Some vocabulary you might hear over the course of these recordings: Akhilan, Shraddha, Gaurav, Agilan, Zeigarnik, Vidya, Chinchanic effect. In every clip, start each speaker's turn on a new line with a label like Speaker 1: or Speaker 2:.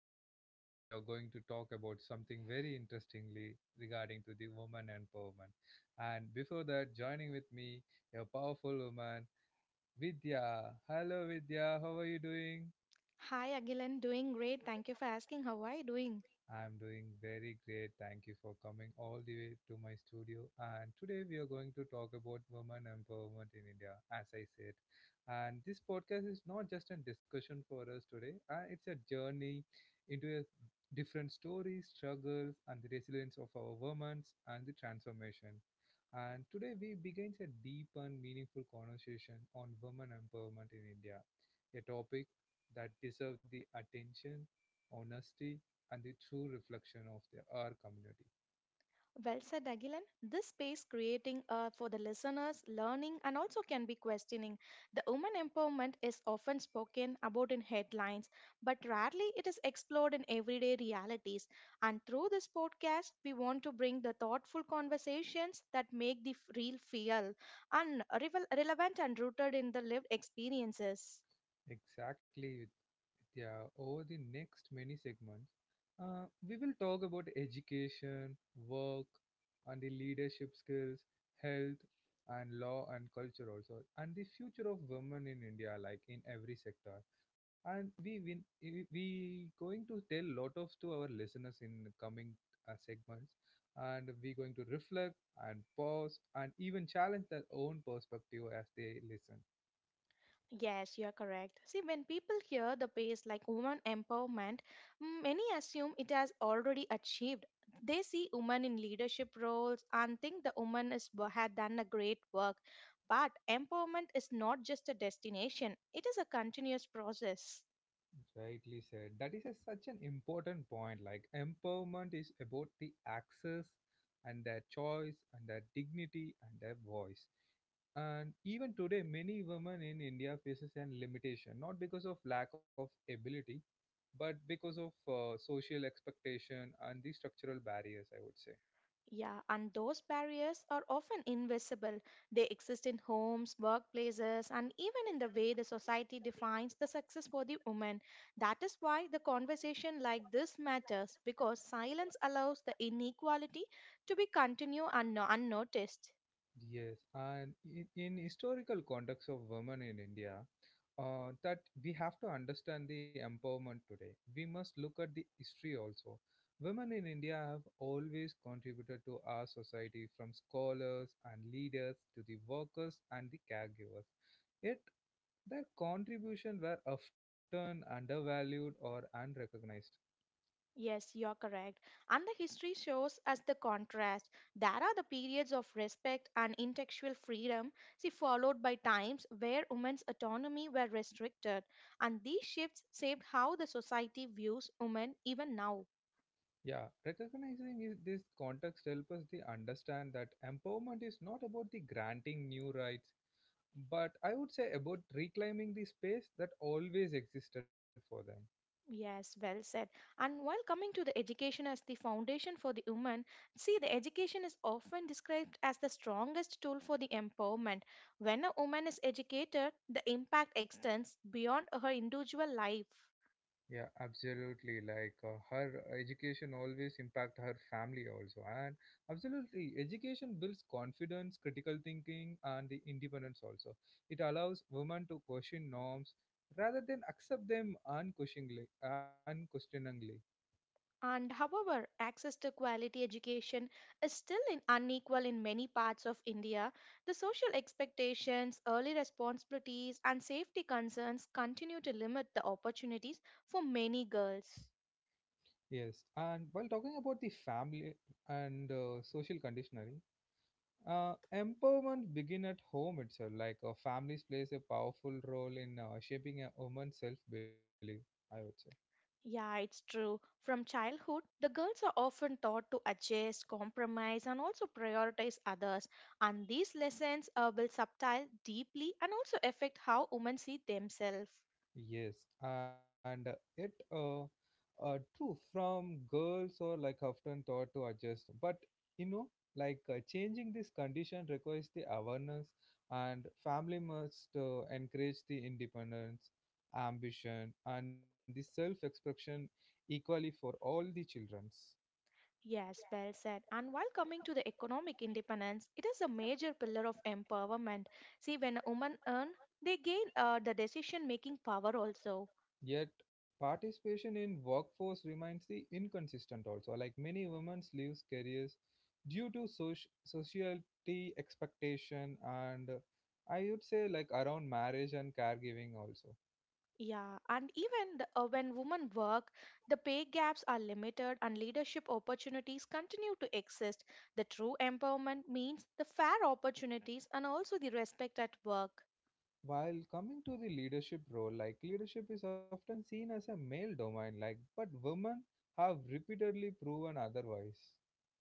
Speaker 1: mine. Today we are going to talk about something very interestingly regarding to the woman empowerment. And before that, joining with me a powerful woman, Vidya. Hello Vidya, how are you doing?
Speaker 2: Hi, Agilan. Doing great. Thank you for asking. How are you doing?
Speaker 1: I'm doing very great. Thank you for coming all the way to my studio. And today we are going to talk about women empowerment in India, as I said. And this podcast is not just a discussion for us today, it's a journey into a different stories, struggles, and the resilience of our women and the transformation. And today we begins a deep and meaningful conversation on women empowerment in India, a topic that deserves the attention, honesty, and the true reflection of their, our community.
Speaker 2: Well said, Agilan. This space creating for the listeners, learning, and also can be questioning. The woman empowerment is often spoken about in headlines, but rarely it is explored in everyday realities. And through this podcast, we want to bring the thoughtful conversations that make the real feel and relevant and rooted in the lived experiences.
Speaker 1: Exactly, Vidya. Over the next many segments, we will talk about education, work, and the leadership skills, health, and law and culture also, and the future of women in India, like in every sector. And we win, we going to tell lot of to our listeners in coming segments, and we going to reflect and pause and even challenge their own perspective as they listen.
Speaker 2: Yes, you are correct. See, when people hear the phrase like woman empowerment, many assume it has already achieved. They see women in leadership roles and think the woman is, had done a great work. But empowerment is not just a destination, it is a continuous process.
Speaker 1: Rightly said. That is such an important point. Like empowerment is about the access and their choice and their dignity and their voice. And even today, many women in India faces an limitation, not because of lack of ability, but because of social expectation and the structural barriers. I would say.
Speaker 2: Yeah, and those barriers are often invisible. They exist in homes, workplaces, and even in the way the society defines the success for the woman. That is why the conversation like this matters because silence allows the inequality to be continued and no, unnoticed.
Speaker 1: Yes, and in historical context of women in India, that we have to understand the empowerment today. We must look at the history also. Women in India have always contributed to our society from scholars and leaders to the workers and the caregivers. Yet their contribution were often undervalued or unrecognized.
Speaker 2: Yes, you're correct. And the history shows us the contrast. There are the periods of respect and intellectual freedom, see, followed by times where women's autonomy were restricted. And these shifts shaped how the society views women even now.
Speaker 1: Yeah, recognizing this context helps us to understand that empowerment is not about the granting new rights, but I would say about reclaiming the space that always existed for them.
Speaker 2: Yes, well said. And while coming to the education as the foundation for the woman, see, the education is often described as the strongest tool for the empowerment. When a woman is educated, the impact extends beyond her individual life.
Speaker 1: Yeah, absolutely. Like her education always impact her family also, and absolutely, education builds confidence, critical thinking, and the independence also. It allows women to question norms rather than accept them unquestioningly. Unquestioningly.
Speaker 2: And however, access to quality education is still in unequal in many parts of India. The social expectations, early responsibilities, and safety concerns continue to limit the opportunities for many girls.
Speaker 1: Yes, and while talking about the family and social conditioning, empowerment begin at home itself. Like families plays a powerful role in shaping a woman's self-belief. I would say.
Speaker 2: Yeah, it's true. From childhood, the girls are often taught to adjust, compromise, and also prioritize others. And these lessons will subtile deeply and also affect how women see themselves.
Speaker 1: Yes, and it true from girls or like often thought to adjust, but you know, like changing this condition requires the awareness, and family must encourage the independence, ambition, and the self-expression equally for all the children.
Speaker 2: Yes, well said. And while coming to the economic independence, it is a major pillar of empowerment. See, when women earn, they gain the decision making power also.
Speaker 1: Yet participation in workforce remains the inconsistent also. Like many women leaves careers due to society expectation and I would say like around marriage and caregiving also.
Speaker 2: Yeah, and even when women work, the pay gaps are limited and leadership opportunities continue to exist. The true empowerment means the fair opportunities and also the respect at work.
Speaker 1: While coming to the leadership role, like leadership is often seen as a male domain, like but women have repeatedly proven otherwise.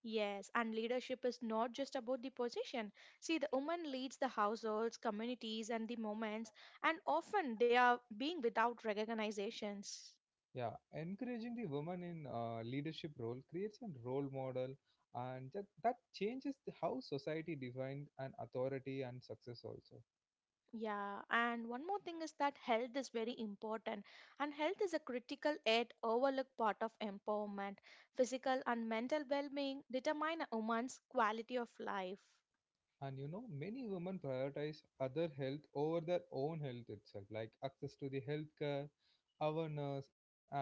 Speaker 2: Yes, and leadership is not just about the position. See, the woman leads the households, communities, and the moments, and often they are being without recognizations.
Speaker 1: Yeah, encouraging the woman in leadership role creates a role model, and that changes how society defines an authority and success also.
Speaker 2: Yeah, and one more thing is that health is very important, and health is a critical yet overlooked part of empowerment. Physical and mental well being determine a woman's quality of life.
Speaker 1: And many women prioritize other health over their own health itself, like access to the healthcare, awareness, and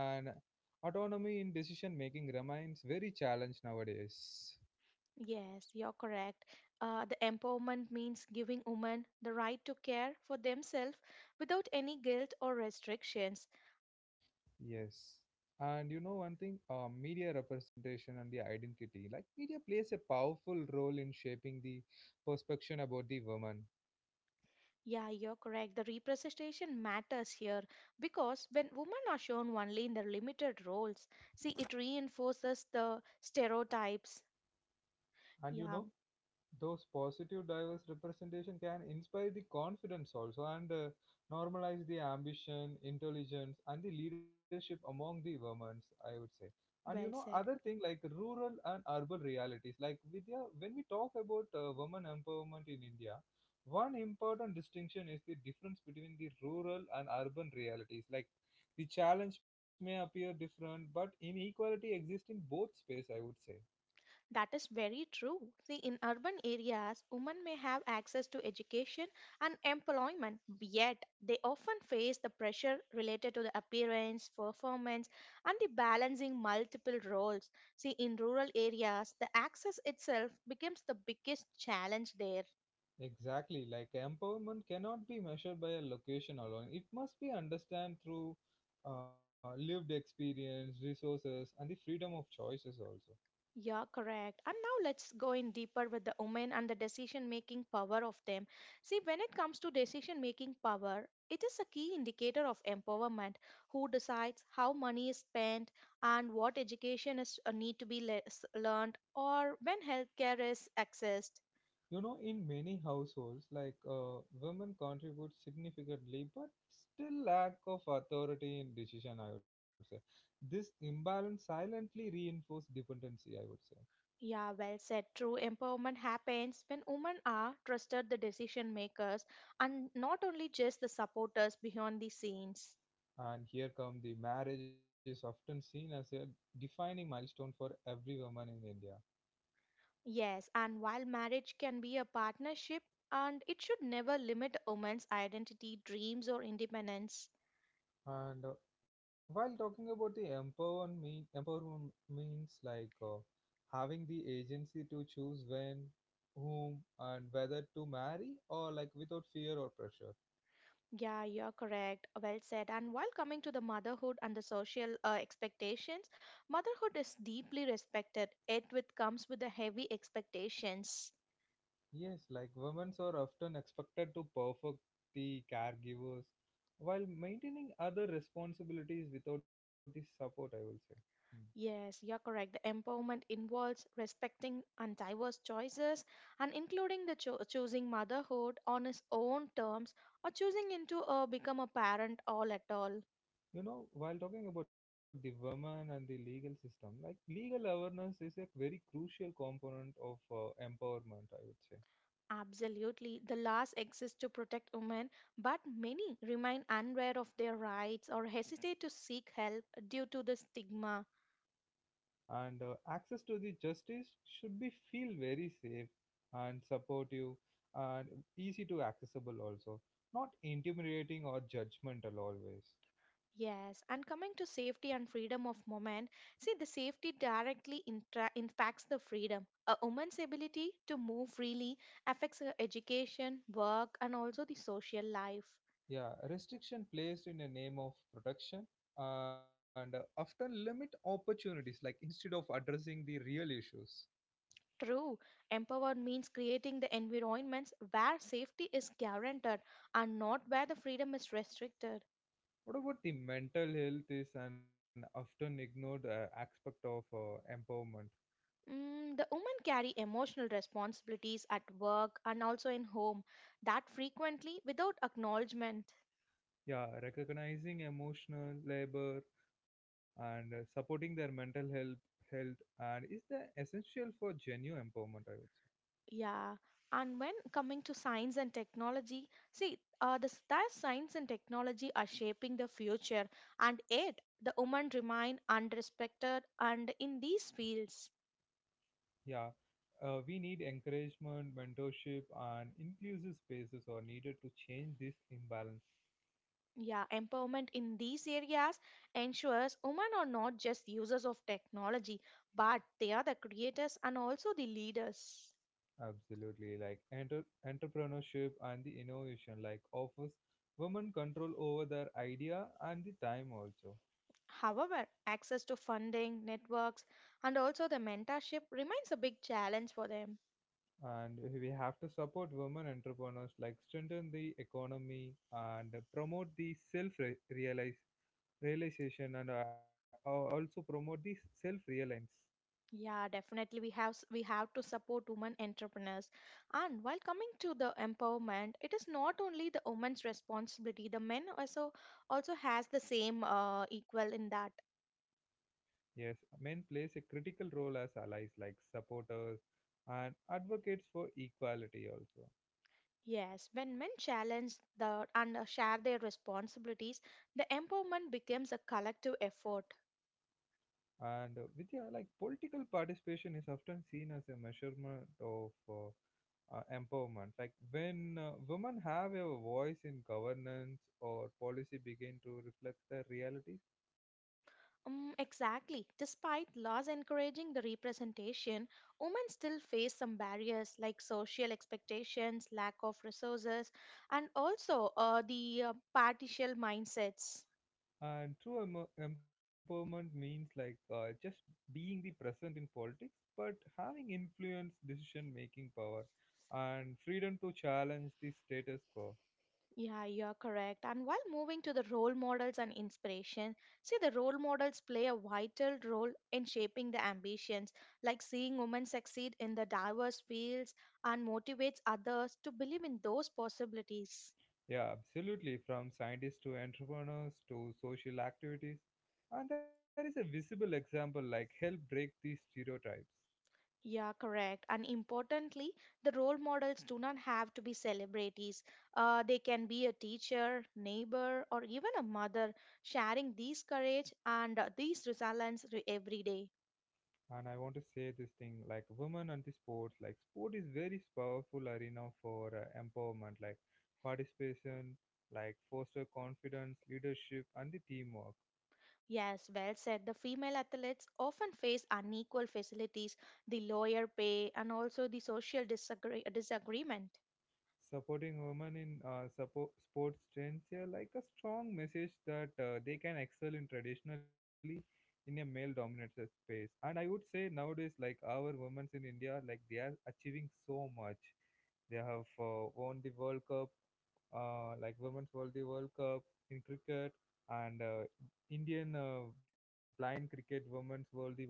Speaker 1: autonomy in decision making remains very challenged nowadays.
Speaker 2: Yes, you're correct. The empowerment means giving women the right to care for themselves without any guilt or restrictions.
Speaker 1: Yes. And you know one thing, media representation and the identity. Like media plays a powerful role in shaping the perception about the woman.
Speaker 2: Yeah, you're correct. The representation matters here because when women are shown only in their limited roles, see, it reinforces the stereotypes.
Speaker 1: And
Speaker 2: Yeah,
Speaker 1: those positive diverse representation can inspire the confidence also and normalize the ambition intelligence and the leadership among the women, I would say. And you know
Speaker 2: well
Speaker 1: other
Speaker 2: said.
Speaker 1: thing, like rural and urban realities, like Vidya, when we talk about women empowerment in India, one important distinction is the difference between the rural and urban realities, like the challenge may appear different but inequality exists in both space, I would say.
Speaker 2: That is very true. See, in urban areas, women may have access to education and employment, yet they often face the pressure related to the appearance, performance, and the balancing multiple roles. See, in rural areas, the access itself becomes the biggest challenge there.
Speaker 1: Exactly, like empowerment cannot be measured by a location alone. It must be understood through lived experience, resources, and the freedom of choices also.
Speaker 2: Yeah, correct. And now let's go in deeper with the women and the decision making power of them. See, when it comes to decision making power, it is a key indicator of empowerment who decides how money is spent and what education is need to be learned or when healthcare is accessed.
Speaker 1: In many households, like women contribute significantly, but still lack of authority in decision. I would say this imbalance silently reinforces dependency. I would say,
Speaker 2: Yeah, well said. True empowerment happens when women are trusted the decision makers and not only just the supporters behind the scenes.
Speaker 1: and here come the marriage is often seen as a defining milestone for every woman in India.
Speaker 2: Yes, and while marriage can be a partnership, and it should never limit a woman's identity, dreams, or independence.
Speaker 1: And while talking about the empowerment, empowerment means like having the agency to choose when, whom, and whether to marry or like without fear or pressure.
Speaker 2: Yeah, you're correct. Well said. And while coming to the motherhood and the social expectations, motherhood is deeply respected, yet with comes with the heavy expectations.
Speaker 1: Yes, like women are often expected to perfect the caregivers while maintaining other responsibilities without the support, I will say. Hmm.
Speaker 2: Yes, you're correct. The empowerment involves respecting and diverse choices and including the choosing motherhood on its own terms or choosing into a become a parent all at all.
Speaker 1: You know while talking about the women and the legal system, like legal awareness is a very crucial component of empowerment, I would say.
Speaker 2: Absolutely. The laws exist to protect women, but many remain unaware of their rights or hesitate to seek help due to the stigma.
Speaker 1: And access to the justice should be feel very safe and supportive and easy to accessible also, not intimidating or judgmental always.
Speaker 2: Yes, and coming to safety and freedom of women, see the safety directly impacts the freedom. A woman's ability to move freely affects her education, work, and also the social life.
Speaker 1: Yeah, restriction placed in the name of protection and often limit opportunities, like instead of addressing the real issues.
Speaker 2: True, empowered means creating the environments where safety is guaranteed and not where the freedom is restricted.
Speaker 1: What about the mental health is an often ignored aspect of empowerment?
Speaker 2: The women carry emotional responsibilities at work and also in home that frequently without acknowledgement.
Speaker 1: Yeah, recognizing emotional labor and supporting their mental health and is the essential for genuine empowerment. I would say.
Speaker 2: Yeah. And when coming to science and technology, see, the that science and technology are shaping the future, and yet the women remain unrespected. And in these fields,
Speaker 1: Yeah, we need encouragement, mentorship, and inclusive spaces are needed to change this imbalance.
Speaker 2: yeah, empowerment in these areas ensures women are not just users of technology, but they are the creators and also the leaders.
Speaker 1: Absolutely, like entrepreneurship and the innovation like offers women control over their idea and the time also.
Speaker 2: However, access to funding, networks, and also the mentorship remains a big challenge for them.
Speaker 1: And we have to support women entrepreneurs, like strengthen the economy and promote the self realize realization and also promote the self reliance.
Speaker 2: Yeah, definitely we have to support women entrepreneurs. And while coming to the empowerment, it is not only the women's responsibility. The men also has the same equal in that.
Speaker 1: Yes, men plays a critical role as allies, like supporters and advocates for equality also.
Speaker 2: Yes, when men challenge the and share their responsibilities, the empowerment becomes a collective effort.
Speaker 1: And Vidya, like political participation is often seen as a measurement of empowerment. Like when women have a voice in governance or policy, begin to reflect their realities.
Speaker 2: Mm, exactly. Despite laws encouraging the representation, women still face some barriers like social expectations, lack of resources, and also the partial mindsets.
Speaker 1: And true empowerment means like just being the present in politics, but having influence, decision making power, and freedom to challenge the status quo.
Speaker 2: Yeah, you're correct. And while moving to the role models and inspiration, see the role models play a vital role in shaping the ambitions, like seeing women succeed in the diverse fields and motivates others to believe in those possibilities.
Speaker 1: Yeah, absolutely. From scientists to entrepreneurs to social activities. And there is a visible example like help break these stereotypes.
Speaker 2: Yeah, correct. And importantly, the role models do not have to be celebrities. They can be a teacher, neighbor, or even a mother, sharing these courage and these resilience every day.
Speaker 1: And I want to say this thing like women and the sports, like sport is very powerful arena for empowerment, like participation, like foster confidence, leadership, and the teamwork.
Speaker 2: Yes, well said. The female athletes often face unequal facilities, the lower pay, and also the social disagreement.
Speaker 1: Supporting women in sports trends here, like a strong message that they can excel in traditionally in a male-dominated space. And I would say nowadays, like our women in India, like they are achieving so much. They have won the World Cup, like Women's World Cup in cricket, and Indian blind cricket Women's World Cup,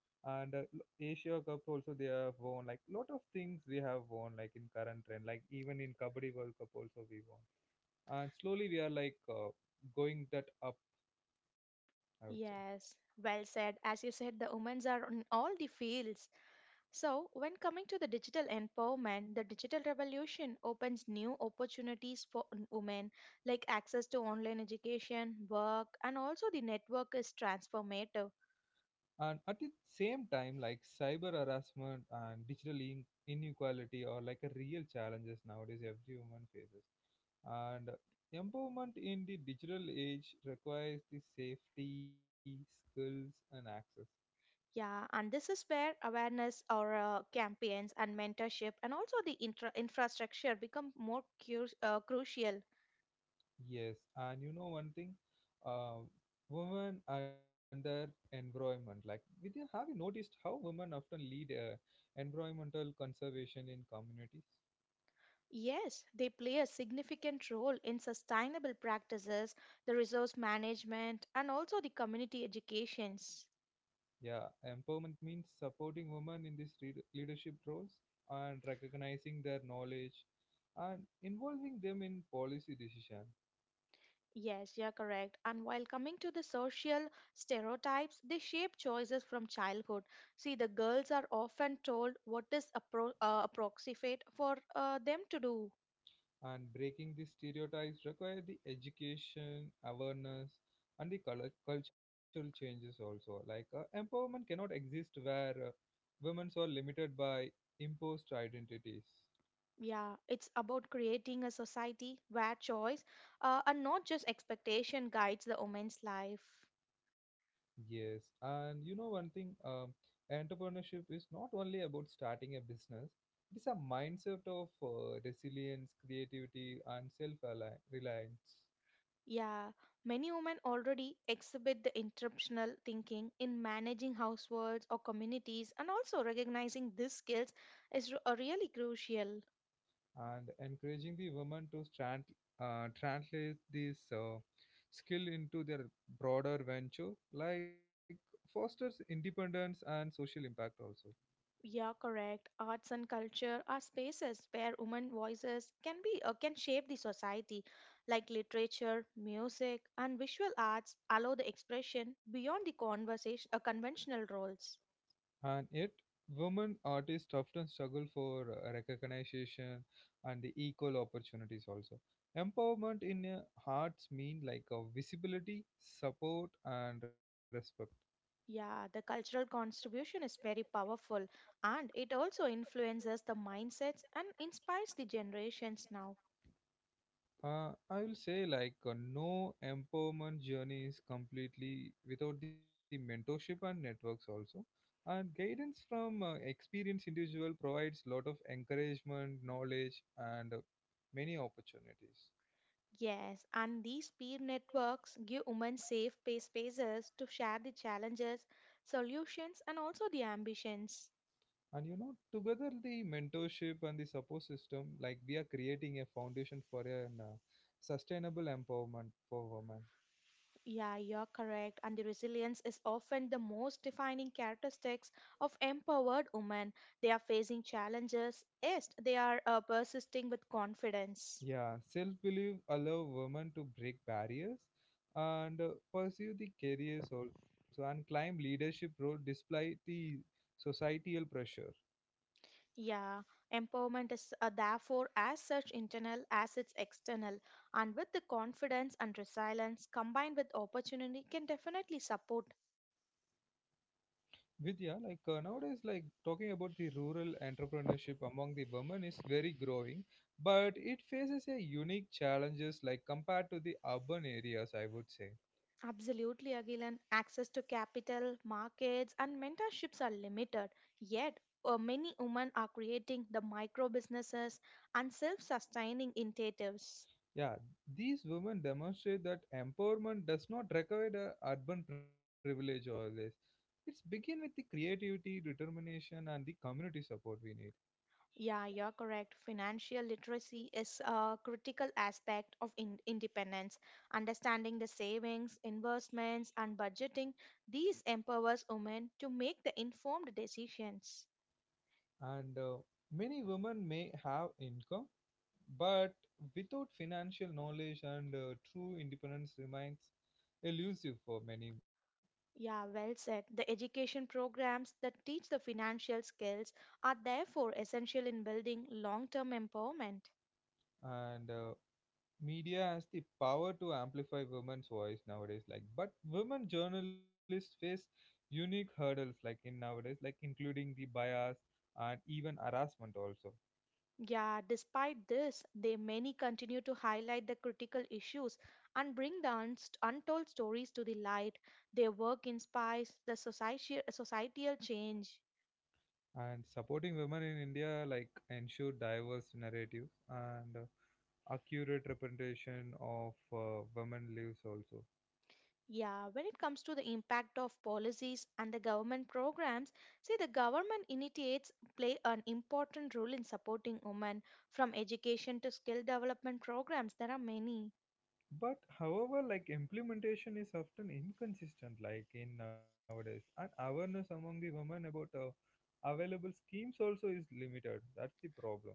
Speaker 1: and Asia Cups also they have won, like lot of things we have won, like in current trend, like even in Kabaddi World Cup also we won. And slowly we are like going that up, I would say.
Speaker 2: Yes, well said. As you said, the women are in all the fields. So, when coming to the digital empowerment, the digital revolution opens new opportunities for women, like access to online education, work, and also the network is transformative.
Speaker 1: And at the same time, like cyber harassment and digital inequality are like a real challenges nowadays every woman faces. And empowerment in the digital age requires the safety skills and access.
Speaker 2: Yeah, and this is where awareness or campaigns and mentorship and also the infrastructure become more crucial.
Speaker 1: Yes, and you know one thing, uh, women and their environment. Like, with you, have you noticed how women often lead environmental conservation in communities?
Speaker 2: Yes, they play a significant role in sustainable practices, the resource management, and also the community educations.
Speaker 1: Yeah, empowerment means supporting women in these leadership roles and recognizing their knowledge and involving them in policy decision.
Speaker 2: Yes, you're correct. And while coming to the social stereotypes, they shape choices from childhood. See, the girls are often told what is approximate for them to do.
Speaker 1: And breaking these stereotypes require the education awareness and the cultural changes also, like empowerment cannot exist where women are limited by imposed identities.
Speaker 2: Yeah, it's about creating a society where choice and not just expectation guides the woman's life.
Speaker 1: Yes, and you know one thing, entrepreneurship is not only about starting a business. It is a mindset of resilience creativity and self reliance.
Speaker 2: Yeah, many women already exhibit the interruptional thinking in managing households or communities, and also recognizing these skills is really crucial.
Speaker 1: And encouraging the women to translate this skill into their broader venture, like fosters independence and social impact also.
Speaker 2: Yeah, correct. Arts and culture are spaces where women voices can be can shape the society, like literature, music, and visual arts allow the expression beyond the conversation conventional roles.
Speaker 1: And yet women artists often struggle for recognition and the equal opportunities also. Empowerment in hearts mean like a visibility support and respect.
Speaker 2: Yeah, the cultural contribution is very powerful, and it also influences the mindsets and inspires the generations now.
Speaker 1: I will say like no empowerment journey is completely without the mentorship and networks also. And guidance from experienced individual provides lot of encouragement, knowledge, and many opportunities.
Speaker 2: Yes, and these peer networks give women safe spaces to share the challenges, solutions, and also the ambitions.
Speaker 1: And together the mentorship and the support system, like we are creating a foundation for an sustainable empowerment for women.
Speaker 2: Yeah, you're correct. And the resilience is often the most defining characteristics of empowered women. They are facing challenges, yes, they are persisting with confidence.
Speaker 1: Yeah, self belief allow women to break barriers and pursue the careers also and climb leadership role despite the societal pressure.
Speaker 2: Yeah, empowerment is therefore as such internal as it's external, and with the confidence and resilience combined with opportunity can definitely support
Speaker 1: Vidya, like nowadays, like talking about the rural entrepreneurship among the women is very growing, but it faces a unique challenges like compared to the urban areas, I would say.
Speaker 2: Absolutely, Agilan. Access to capital, markets, and mentorships are limited. Yet, many women are creating the micro businesses and self sustaining initiatives.
Speaker 1: Yeah, these women demonstrate that empowerment does not require the urban privilege always. It's begin with the creativity, determination, and the community support we need.
Speaker 2: Yeah, you're correct. Financial literacy is a critical aspect of independence. Understanding the savings, investments, and budgeting, these empowers women to make the informed decisions.
Speaker 1: And many women may have income, but without financial knowledge and true independence remains elusive for many.
Speaker 2: Yeah, well said. The education programs that teach the financial skills are therefore essential in building long term empowerment.
Speaker 1: And Media has the power to amplify women's voice nowadays, like, but women journalists face unique hurdles, like in nowadays, like including the bias and even harassment also.
Speaker 2: Yeah, despite this, they many continue to highlight the critical issues and bring the untold stories to the light. Their work inspires the societal change.
Speaker 1: And supporting women in india, like ensure diverse narratives and accurate representation of women lives also.
Speaker 2: Yeah, when it comes to the impact of policies and the government programs, see the government initiates play an important role in supporting women from education to skill development programs. There are many.
Speaker 1: But however, like implementation is often inconsistent, like in nowadays, and awareness among the women about available schemes also is limited, that's the problem.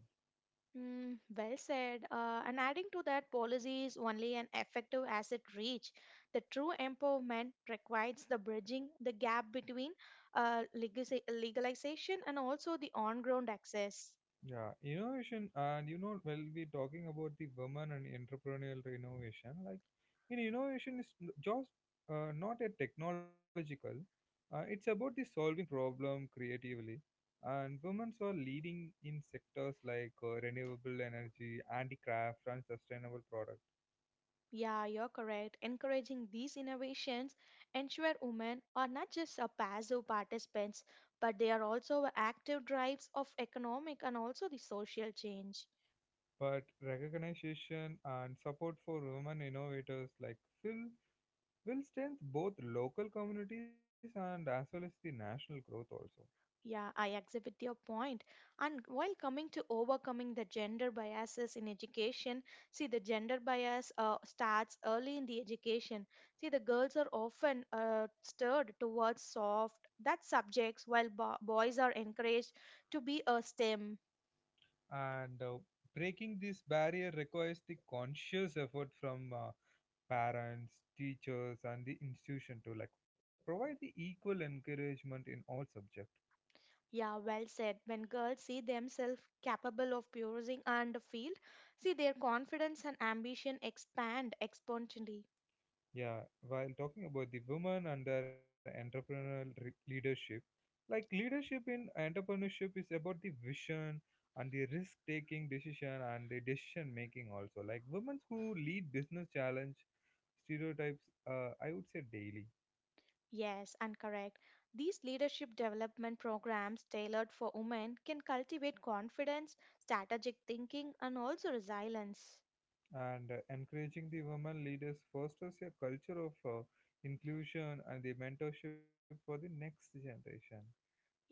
Speaker 2: Mm, well said. And adding to that, policies only an effective as it reach. The true empowerment requires the bridging the gap between legalization and also the on-ground access.
Speaker 1: Yeah, innovation. And you know, we'll be talking about the women and entrepreneurial innovation, like in innovation is n- just not a technological, it's about the solving problem creatively. And women are leading in sectors like renewable energy, handicraft, and sustainable products.
Speaker 2: Yeah, you're correct. Encouraging these innovations ensure women are not just a passive participants, but they are also active drives of economic and also the social change.
Speaker 1: But recognition and support for women innovators like Phil will strengthen both local communities and as well as the national growth also.
Speaker 2: Yeah, I agree with your point. And while coming to overcoming the gender biases in education, see the gender bias starts early in the education. See the girls are often stirred towards soft that subjects, while boys are encouraged to be a STEM.
Speaker 1: And Breaking this barrier requires the conscious effort from parents, teachers, and the institution to like provide the equal encouragement in all subjects.
Speaker 2: Yeah, well said. When girls see themselves capable of pursuing and field, see their confidence and ambition expand exponentially.
Speaker 1: Yeah, while talking about the women and their leadership, like leadership in entrepreneurship is about the vision and the risk taking decision and the decision making also. Like women who lead business challenge stereotypes, I would say daily.
Speaker 2: Yes, and correct. These leadership development programs tailored for women can cultivate confidence, strategic thinking, and also resilience.
Speaker 1: And Encouraging the women leaders fosters a culture of inclusion and the mentorship for the next generation.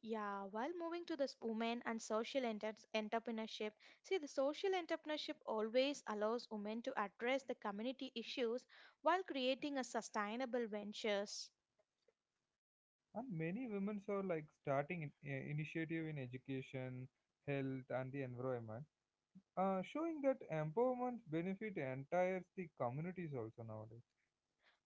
Speaker 2: Yeah, while moving to this women and social entrepreneurship, see the social entrepreneurship always allows women to address the community issues while creating a sustainable ventures.
Speaker 1: And many women are like starting in, initiative in education, health, and the environment, showing that empowerment benefit entire the communities also nowadays.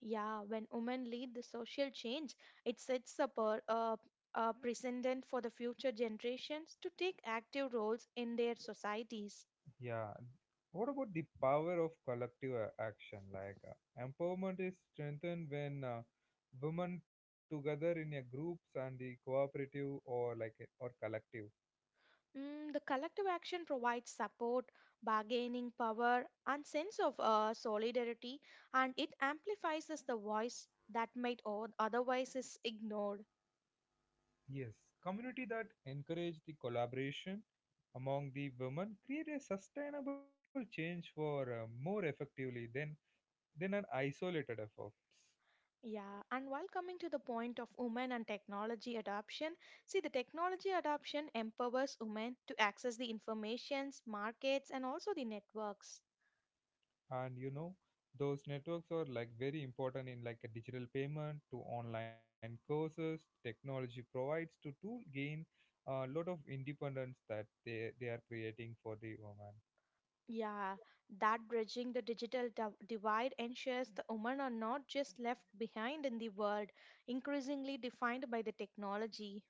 Speaker 2: Yeah, when women lead the social change, it sets up a precedent for the future generations to take active roles in their societies.
Speaker 1: Yeah. What about the power of action? Like empowerment is strengthened when women together in a groups and the cooperative or like or collective.
Speaker 2: Mm, the collective action provides support, bargaining power, and sense of solidarity, and it amplifies as the voice that might otherwise is ignored.
Speaker 1: Yes, community that encourage the collaboration among the women create a sustainable change for more effectively than an isolated efforts.
Speaker 2: Yeah, and while coming to the point of women and technology adoption, see the technology adoption empowers women to access the informations, markets, and also the networks.
Speaker 1: And you know, those networks are like very important in like a digital payment to online courses, technology provides to gain a lot of independence that they are creating for the woman.
Speaker 2: Yeah, that bridging the digital divide ensures the women are not just left behind in the world, increasingly defined by the technology.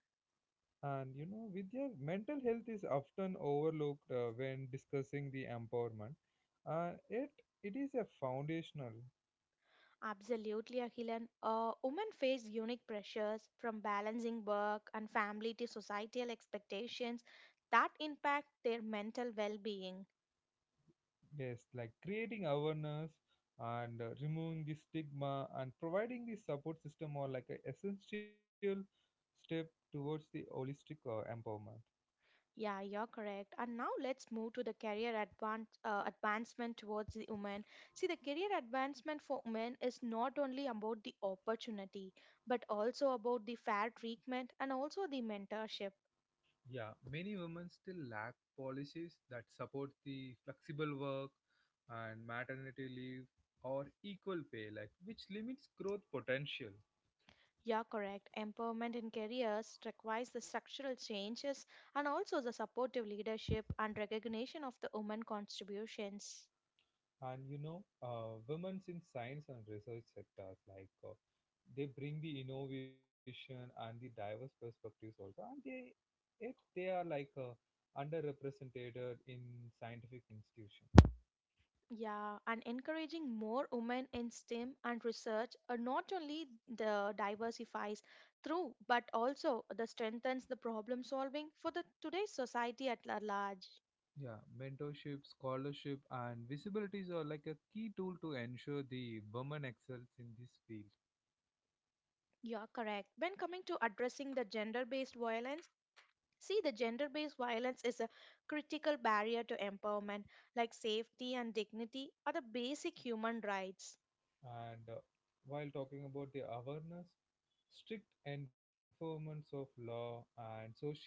Speaker 1: And you know, Vidya, mental health is often overlooked when discussing the empowerment. Uh, it it is a foundational.
Speaker 2: Absolutely, Akhilan. Women face unique pressures from balancing work and family to societal expectations that impact their mental well-being.
Speaker 1: Yes, like creating awareness and removing the stigma and providing the support system are like an essential step towards the holistic empowerment.
Speaker 2: Yeah, you're correct. And now let's move to the career advancement towards the women. See, the career advancement for women is not only about the opportunity, but also about the fair treatment and also the mentorship.
Speaker 1: Yeah, many women still lack policies that support the flexible work and maternity leave or equal pay, like which limits growth potential.
Speaker 2: Yeah, correct. Empowerment in careers requires the structural changes and also the supportive leadership and recognition of the women contributions.
Speaker 1: And you know, women's in science and research sectors, like they bring the innovation and the diverse perspectives also. And they are like underrepresented in scientific institution.
Speaker 2: Yeah, and encouraging more women in STEM and research not only the diversifies through but also the strengthens the problem solving for the today's society at large.
Speaker 1: Yeah, mentorship, scholarship, and visibilities are like a key tool to ensure the women excels in this field.
Speaker 2: Yeah, correct. When coming to addressing the gender based violence, see, the gender based violence is a critical barrier to empowerment, like safety and dignity are the basic human rights.
Speaker 1: And While talking about the awareness, strict enforcements of law and social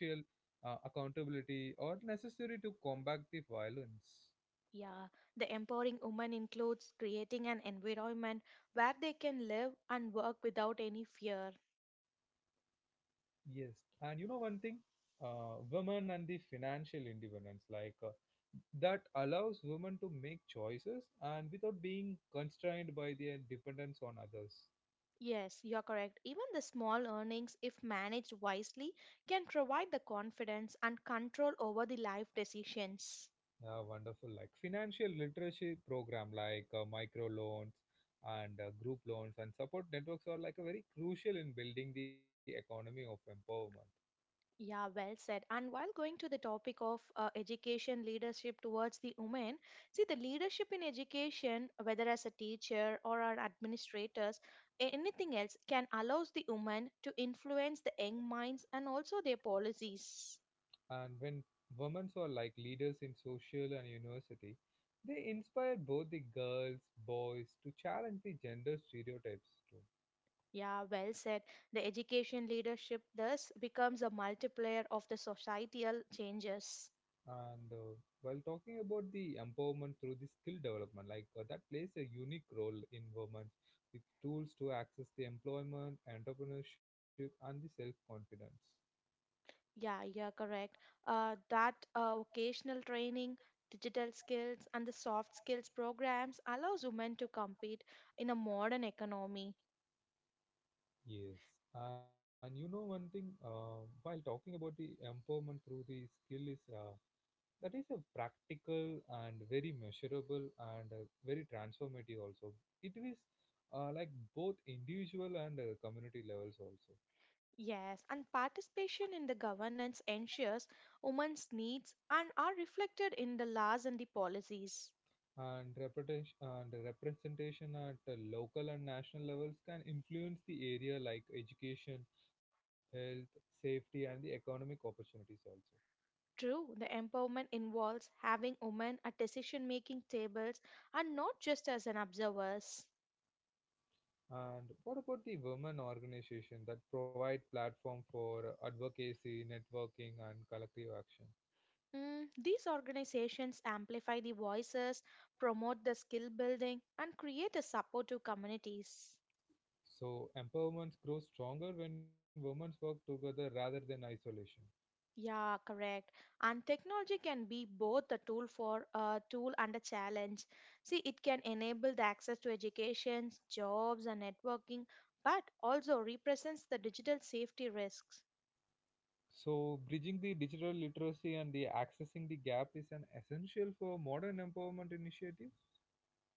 Speaker 1: accountability are necessary to combat the violence.
Speaker 2: Yeah, the empowering woman includes creating an environment where they can live and work without any fear.
Speaker 1: Yes, and you know one thing, women and the financial independence, like that allows women to make choices and without being constrained by their dependence on others.
Speaker 2: Yes, you're correct. Even the small earnings, if managed wisely, can provide the confidence and control over the life decisions.
Speaker 1: Yeah, wonderful. Like financial literacy program, like micro loans and group loans and support networks are like a very crucial in building the economy of empowerment.
Speaker 2: Yeah, well said. And while going to the topic of education leadership towards the women, see the leadership in education, whether as a teacher or an administrators, anything else, can allows the women to influence the young minds and also their policies.
Speaker 1: And when women are like leaders in social and university, they inspire both the girls, boys to challenge the gender stereotypes too.
Speaker 2: Yeah, well said. The education leadership thus becomes a multiplier of the societal changes.
Speaker 1: And While talking about the empowerment through the skill development, like that plays a unique role in women with tools to access the employment, entrepreneurship, and the self confidence.
Speaker 2: Yeah, yeah, correct. That Vocational training, digital skills, and the soft skills programs allows women to compete in a modern economy.
Speaker 1: Yes, and you know one thing. While talking about the empowerment through the skill is that is a practical and very measurable and very transformative also. It is like both individual and community levels also.
Speaker 2: Yes, and participation in the governance ensures women's needs and are reflected in the laws and the policies.
Speaker 1: And reputation and representation at the local and national levels can influence the area like education, health, safety and the economic opportunities also.
Speaker 2: True, the empowerment involves having women at decision-making tables and not just as an observers.
Speaker 1: And what about the women organization that provide platform for advocacy, networking, and collective action?
Speaker 2: Mm, these organizations amplify the voices, promote the skill building, and create a supportive communities.
Speaker 1: So empowerment grows stronger when women work together rather than isolation.
Speaker 2: Yeah, correct. And technology can be both a tool for a tool and a challenge. See, it can enable the access to education, jobs, and networking, but also represents the digital safety risks.
Speaker 1: So bridging the digital literacy and the accessing the gap is an essential for modern empowerment initiative.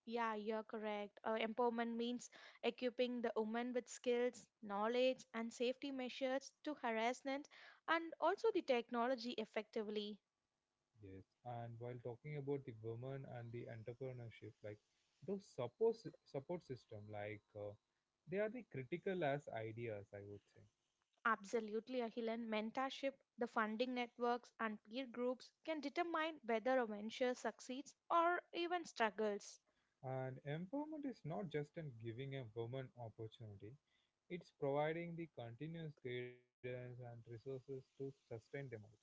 Speaker 2: Yeah, you're correct. Empowerment means equipping the woman with skills, knowledge, and safety measures to harassment and also the technology effectively.
Speaker 1: Yes, and while talking about the women and the entrepreneurship, like those support system, like they are the critical as ideas, I would say.
Speaker 2: Absolutely, Ahilan. Mentorship, the funding networks, and peer groups can determine whether a venture succeeds or even struggles.
Speaker 1: And empowerment is not just in giving a woman opportunity; it's providing the continuous guidance and resources to sustain them also.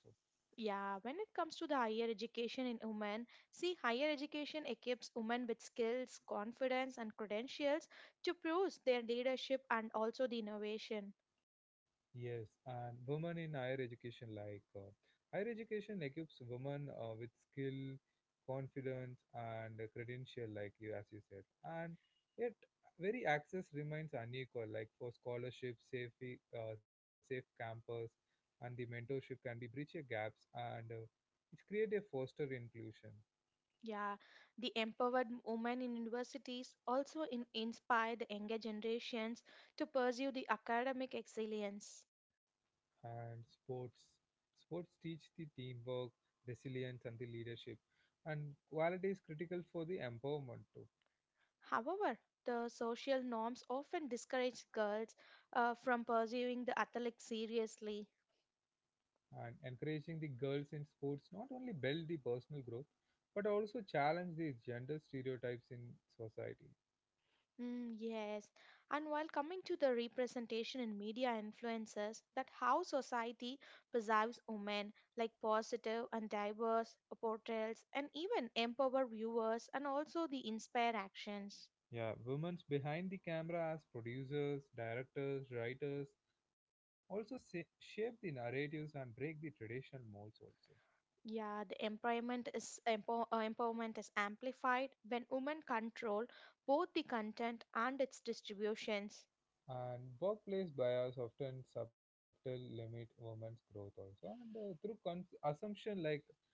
Speaker 2: Yeah, when it comes to the higher education in women, see, higher education equips women with skills, confidence, and credentials to prove their leadership and also the innovation.
Speaker 1: Yes, and women in higher education, like higher education equips women with skill, confidence, and a credential, like you as you said. And yet, very access remains unequal. Like for scholarships, safe campus, and the mentorship can be bridge a gaps, and it create a foster inclusion.
Speaker 2: Yeah, the empowered women in universities also inspire the younger generations to pursue the academic excellence.
Speaker 1: And sports. Sports teach the teamwork, resilience, and the leadership, and quality is critical for the empowerment too.
Speaker 2: However, the social norms often discourage girls from pursuing the athletic seriously.
Speaker 1: And encouraging the girls in sports not only build the personal growth, but also challenge the gender stereotypes in society.
Speaker 2: Mm, yes, and while coming to the representation in media influences, that how society perceives women, like positive and diverse portrayals, and even empower viewers and also the inspire actions.
Speaker 1: Yeah, women's behind the camera as producers, directors, writers also shape the narratives and break the traditional molds also.
Speaker 2: Yeah, the empowerment is empowerment is amplified when women control both the content and its distributions.
Speaker 1: And workplace bias often subtle limit women's growth also, and through assumption like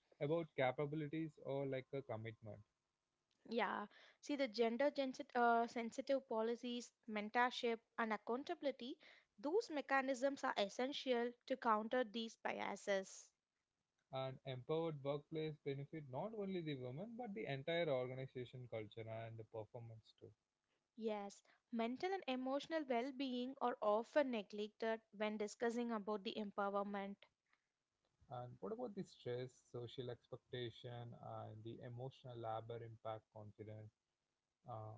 Speaker 1: about capabilities or like a commitment.
Speaker 2: Yeah, see the sensitive policies, mentorship, and accountability. Those mechanisms are essential to counter these biases.
Speaker 1: And empowered workplace benefit not only the women but the entire organization culture and the performance too.
Speaker 2: Yes, mental and emotional well-being are often neglected when discussing about the empowerment.
Speaker 1: And what about the stress, social expectation, and the emotional labor impact confidence, uh,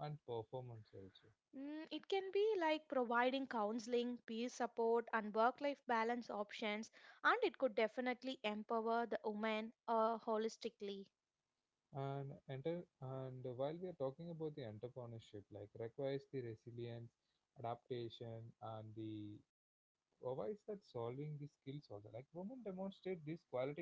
Speaker 1: and performance also?
Speaker 2: Mm, it can be like providing counseling, peer support, and work life balance options, and it could definitely empower the woman holistically.
Speaker 1: And while we are talking about the entrepreneurship, like requires the resilience, adaptation, and the provides that solving the skills also. Like women demonstrate these qualities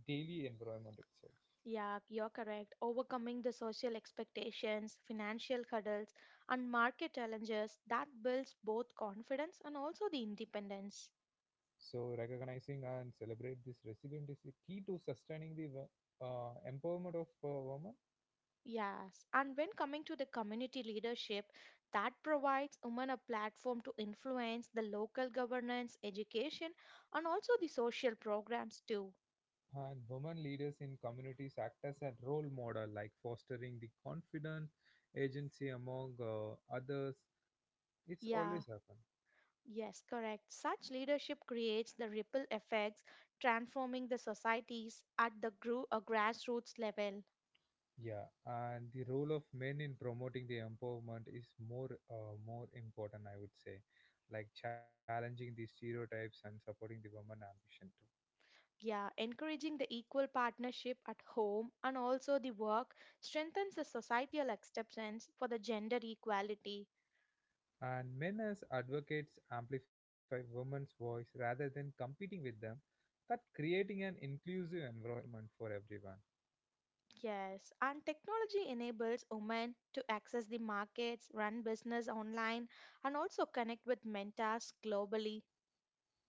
Speaker 1: daily environment itself.
Speaker 2: Yeah, you're correct. Overcoming the social expectations, financial hurdles, and market challenges that builds both confidence and also the independence.
Speaker 1: So recognizing and celebrate this resilience is the key to sustaining the empowerment of women.
Speaker 2: Yes, and when coming to the community leadership, that provides women a platform to influence the local governance, education, and also the social programs too.
Speaker 1: And women leaders in communities act as a role model, like fostering the confidence, agency among others. It's
Speaker 2: Yeah,
Speaker 1: always happened.
Speaker 2: yes, correct. Such leadership creates the ripple effects, transforming the societies at the grassroots level.
Speaker 1: Yeah, and the role of men in promoting the empowerment is more important, I would say, like challenging the stereotypes and supporting the women ambition too.
Speaker 2: Yeah, encouraging the equal partnership at home and also the work strengthens the societal acceptance for the gender equality.
Speaker 1: And men as advocates amplify women's voice rather than competing with them, that creating an inclusive environment for everyone.
Speaker 2: Yes, and technology enables women to access the markets, run business online, and also connect with mentors globally.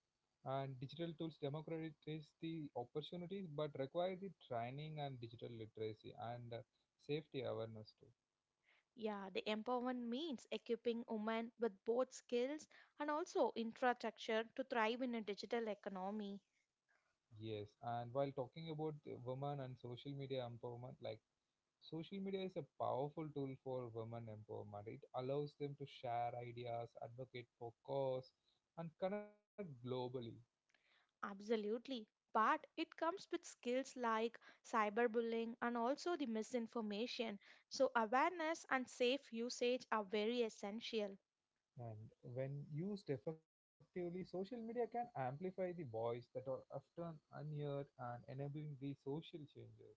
Speaker 1: And digital tools democratize the opportunities, but require the training and digital literacy and safety awareness too.
Speaker 2: Yeah, the empowerment means equipping women with both skills and also infrastructure to thrive in a digital economy.
Speaker 1: Yes, and while talking about the women and social media empowerment, like social media is a powerful tool for women empowerment. It allows them to share ideas, advocate for cause, and connect globally.
Speaker 2: Absolutely. But it comes with skills like cyberbullying and also the misinformation. So, awareness and safe usage are very essential.
Speaker 1: And when used effectively, social media can amplify the voice that are often unheard and enabling the social changes.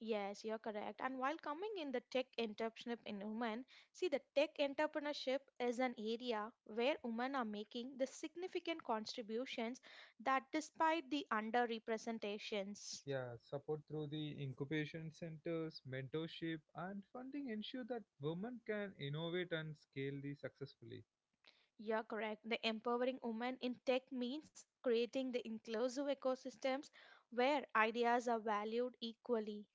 Speaker 2: Yes, you're correct. And while coming in the tech entrepreneurship in women, see the tech entrepreneurship is an area where women are making the significant contributions that despite the underrepresentations.
Speaker 1: Yeah, support through the incubation centers, mentorship, and funding ensure that women can innovate and scale these successfully.
Speaker 2: You're correct. The empowering women in tech means creating the inclusive ecosystems where ideas are valued equally.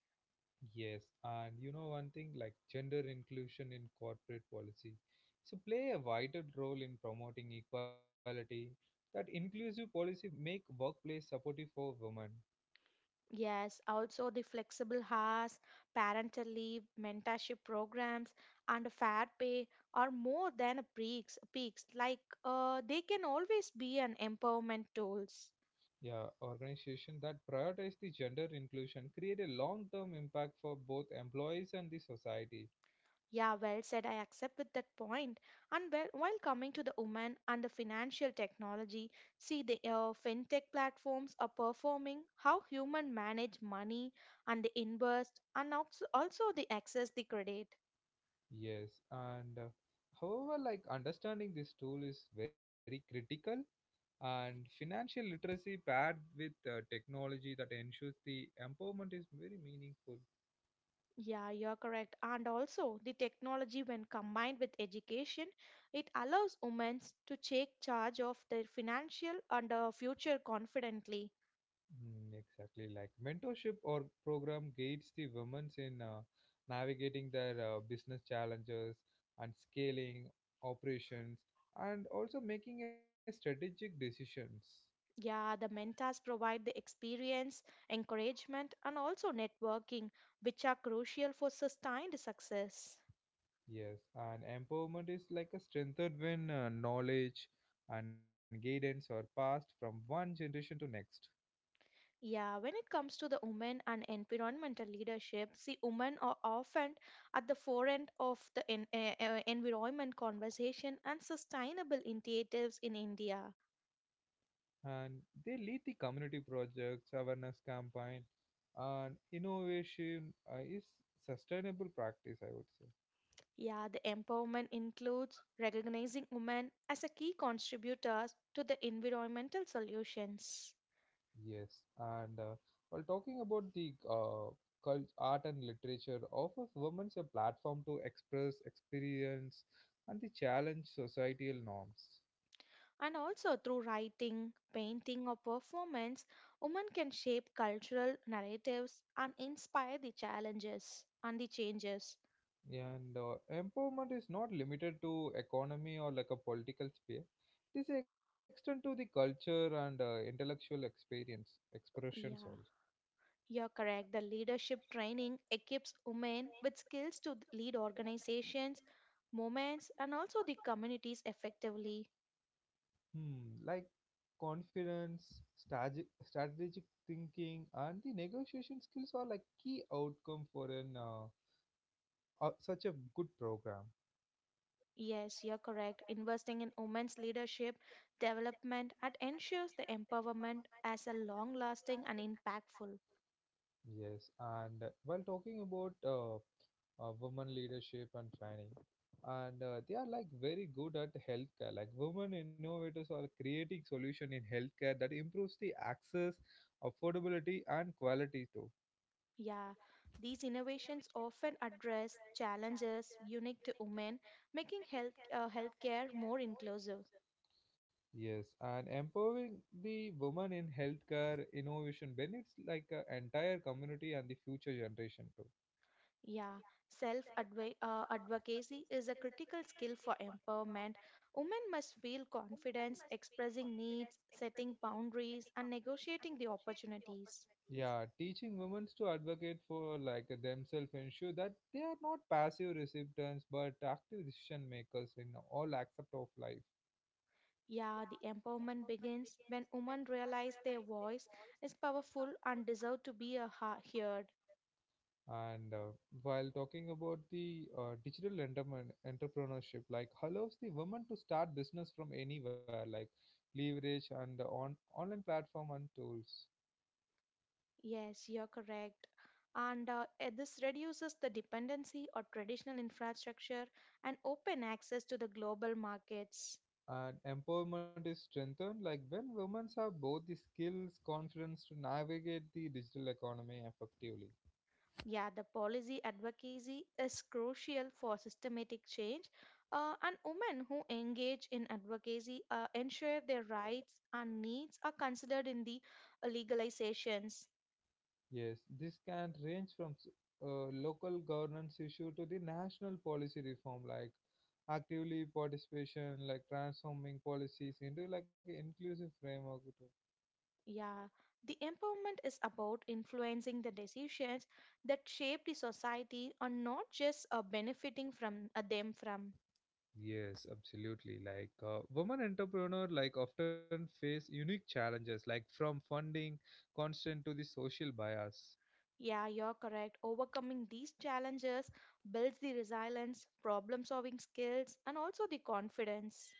Speaker 1: Yes, and you know one thing, like gender inclusion in corporate policy. So play a vital role in promoting equality. That inclusive policy make workplace supportive for women.
Speaker 2: Yes, also the flexible hours, parental leave, mentorship programs, and fair pay are more than a peaks. Peaks like they can always be an empowerment tools.
Speaker 1: Yeah, organization that prioritize the gender inclusion create a long-term impact for both employees and the society.
Speaker 2: Yeah, well said. I accept with that point. And well, while coming to the women and the financial technology, see the fintech platforms are performing how human manage money and the invest and also the access the credit.
Speaker 1: Yes, and however, like understanding this tool is very critical. And financial literacy paired with technology that ensures the empowerment is very meaningful.
Speaker 2: Yeah, you're correct. And also, the technology, when combined with education, it allows women to take charge of their financial and future confidently.
Speaker 1: Mm, exactly, like mentorship or program guides the women in navigating their business challenges and scaling operations and also making a strategic decisions.
Speaker 2: Yeah, the mentors provide the experience, encouragement, and also networking, which are crucial for sustained success.
Speaker 1: Yes, and empowerment is like a strengthened when knowledge and guidance are passed from one generation to next.
Speaker 2: Yeah, when it comes to the women and environmental leadership, see, women are often at the forefront of the environment conversation and sustainable initiatives in India.
Speaker 1: And they lead the community projects, awareness campaign, and innovation is sustainable practice, I would say.
Speaker 2: Yeah, the empowerment includes recognizing women as a key contributors to the environmental solutions.
Speaker 1: Yes, and while talking about the cult, art and literature, offers women a platform to express, experience, and the challenge societal norms.
Speaker 2: And also through writing, painting, or performance, women can shape cultural narratives and inspire the challenges and the changes.
Speaker 1: Yeah, and empowerment is not limited to economy or like a political sphere. It is extend to the culture and intellectual experience expressions also.
Speaker 2: Yeah, you're correct. The leadership training equips women with skills to lead organizations, movements, and also the communities effectively.
Speaker 1: Hmm, like confidence, strategic thinking, and the negotiation skills are like key outcome for an such a good program.
Speaker 2: Yes, you're correct. Investing in women's leadership development and ensures the empowerment as a long lasting and impactful.
Speaker 1: Yes, and while talking about women leadership and training, and they are like very good at healthcare. Like women innovators are creating solution in healthcare that improves the access, affordability, and quality too.
Speaker 2: Yeah, these innovations often address challenges unique to women, making healthcare more inclusive.
Speaker 1: Yes, and empowering the women in healthcare innovation benefits like entire community and the future generation too.
Speaker 2: Yeah, self advocacy is a critical skill for empowerment. Women must feel confidence expressing needs, setting boundaries, and negotiating the opportunities.
Speaker 1: Yeah, teaching women to advocate for like themselves ensure that they are not passive recipients but active decision makers in all aspects of life.
Speaker 2: Yeah, the empowerment begins when women realize their voice is powerful and deserve to be a heard.
Speaker 1: And While talking about the digital entrepreneurship, like allows the women to start business from anywhere, like leverage and the online platform and tools.
Speaker 2: Yes, you're correct. This reduces the dependency on traditional infrastructure and open access to the global markets.
Speaker 1: And empowerment is strengthened like when women have both the skills confidence to navigate the digital economy effectively.
Speaker 2: Yeah, the policy advocacy is crucial for systematic change, and women who engage in advocacy ensure their rights and needs are considered in the legalizations.
Speaker 1: Yes, this can range from local governance issue to the national policy reform, like actively participation like transforming policies into like an inclusive framework to.
Speaker 2: Yeah, the empowerment is about influencing the decisions that shape the society and not just benefiting from them from.
Speaker 1: Yes, absolutely. Like women entrepreneur like often face unique challenges like from funding constant to the social bias.
Speaker 2: Yeah, you're correct. Overcoming these challenges builds the resilience, problem solving skills, and also the confidence.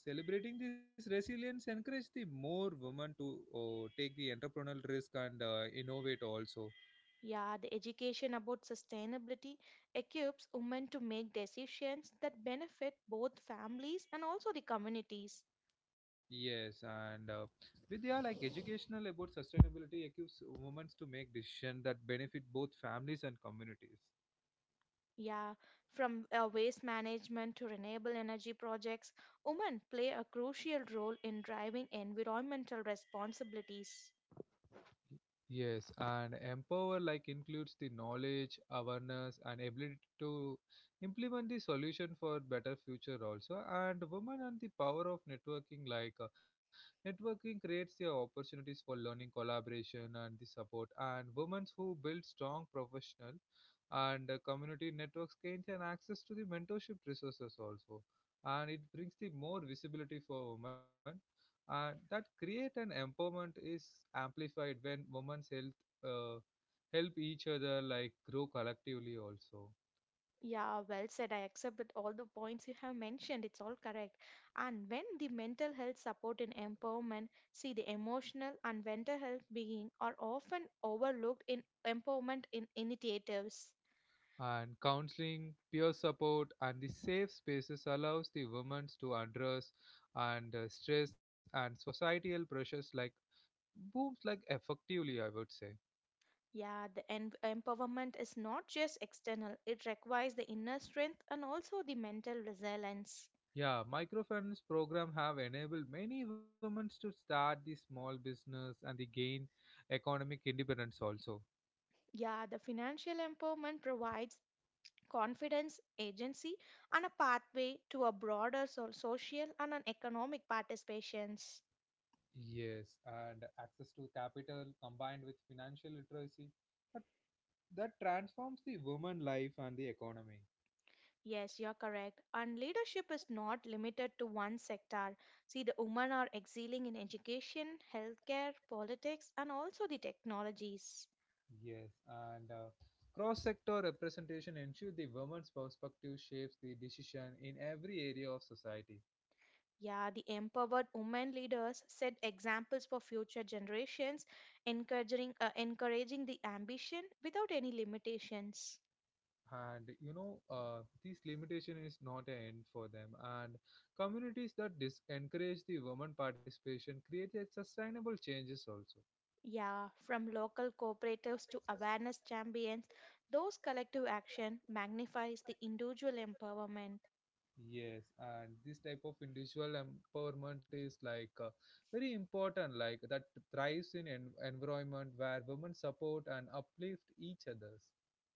Speaker 1: Yes, celebrating this resilience encourage the more women to oh, take the entrepreneurial risk and innovate also.
Speaker 2: Yeah, the education about sustainability equips women to make decisions that benefit both families and also the communities.
Speaker 1: Yes, and with their like educational about sustainability equips women to make decisions that benefit both families and communities.
Speaker 2: Yeah, from waste management to renewable energy projects, women play a crucial role in driving environmental responsibilities.
Speaker 1: Yes, and empower like includes the knowledge, awareness, and ability to implement the solution for better future also. And women and the power of networking like networking creates the opportunities for learning, collaboration, and the support. And women who build strong professional and community networks gain an access to the mentorship resources also, and it brings the more visibility for women and that create an empowerment is amplified when women's health uh, help each other like grow collectively also.
Speaker 2: Yeah, well said. I accept that all the points you have mentioned, it's all correct. And when the mental health support and empowerment, see the emotional and mental health being are often overlooked in empowerment in initiatives.
Speaker 1: And counseling peer support and the safe spaces allows the women to address and stress and societal pressures like booms like effectively, I would say.
Speaker 2: Yeah, the empowerment is not just external, it requires the inner strength and also the mental resilience.
Speaker 1: Yeah, microfinance program have enabled many women to start the small business and the gain economic independence also.
Speaker 2: Yeah, the financial empowerment provides confidence, agency, and a pathway to a broader social and an economic participations.
Speaker 1: Yes, and access to capital combined with financial literacy, but that transforms the woman life and the economy.
Speaker 2: Yes, you're correct. And leadership is not limited to one sector. See, the women are excelling in education, healthcare, politics, and also the technologies.
Speaker 1: Yes, and cross-sector representation ensures the woman's perspective shapes the decision in every area of society.
Speaker 2: Yeah, the empowered women leaders set examples for future generations, encouraging the ambition without any limitations.
Speaker 1: And this limitation is not an end for them. And communities that encourage the woman participation create a sustainable changes also.
Speaker 2: Yeah, from local cooperatives to awareness champions, those collective action magnifies the individual empowerment.
Speaker 1: Yes, and this type of individual empowerment is like very important, like that thrives in an environment where women support and uplift each others.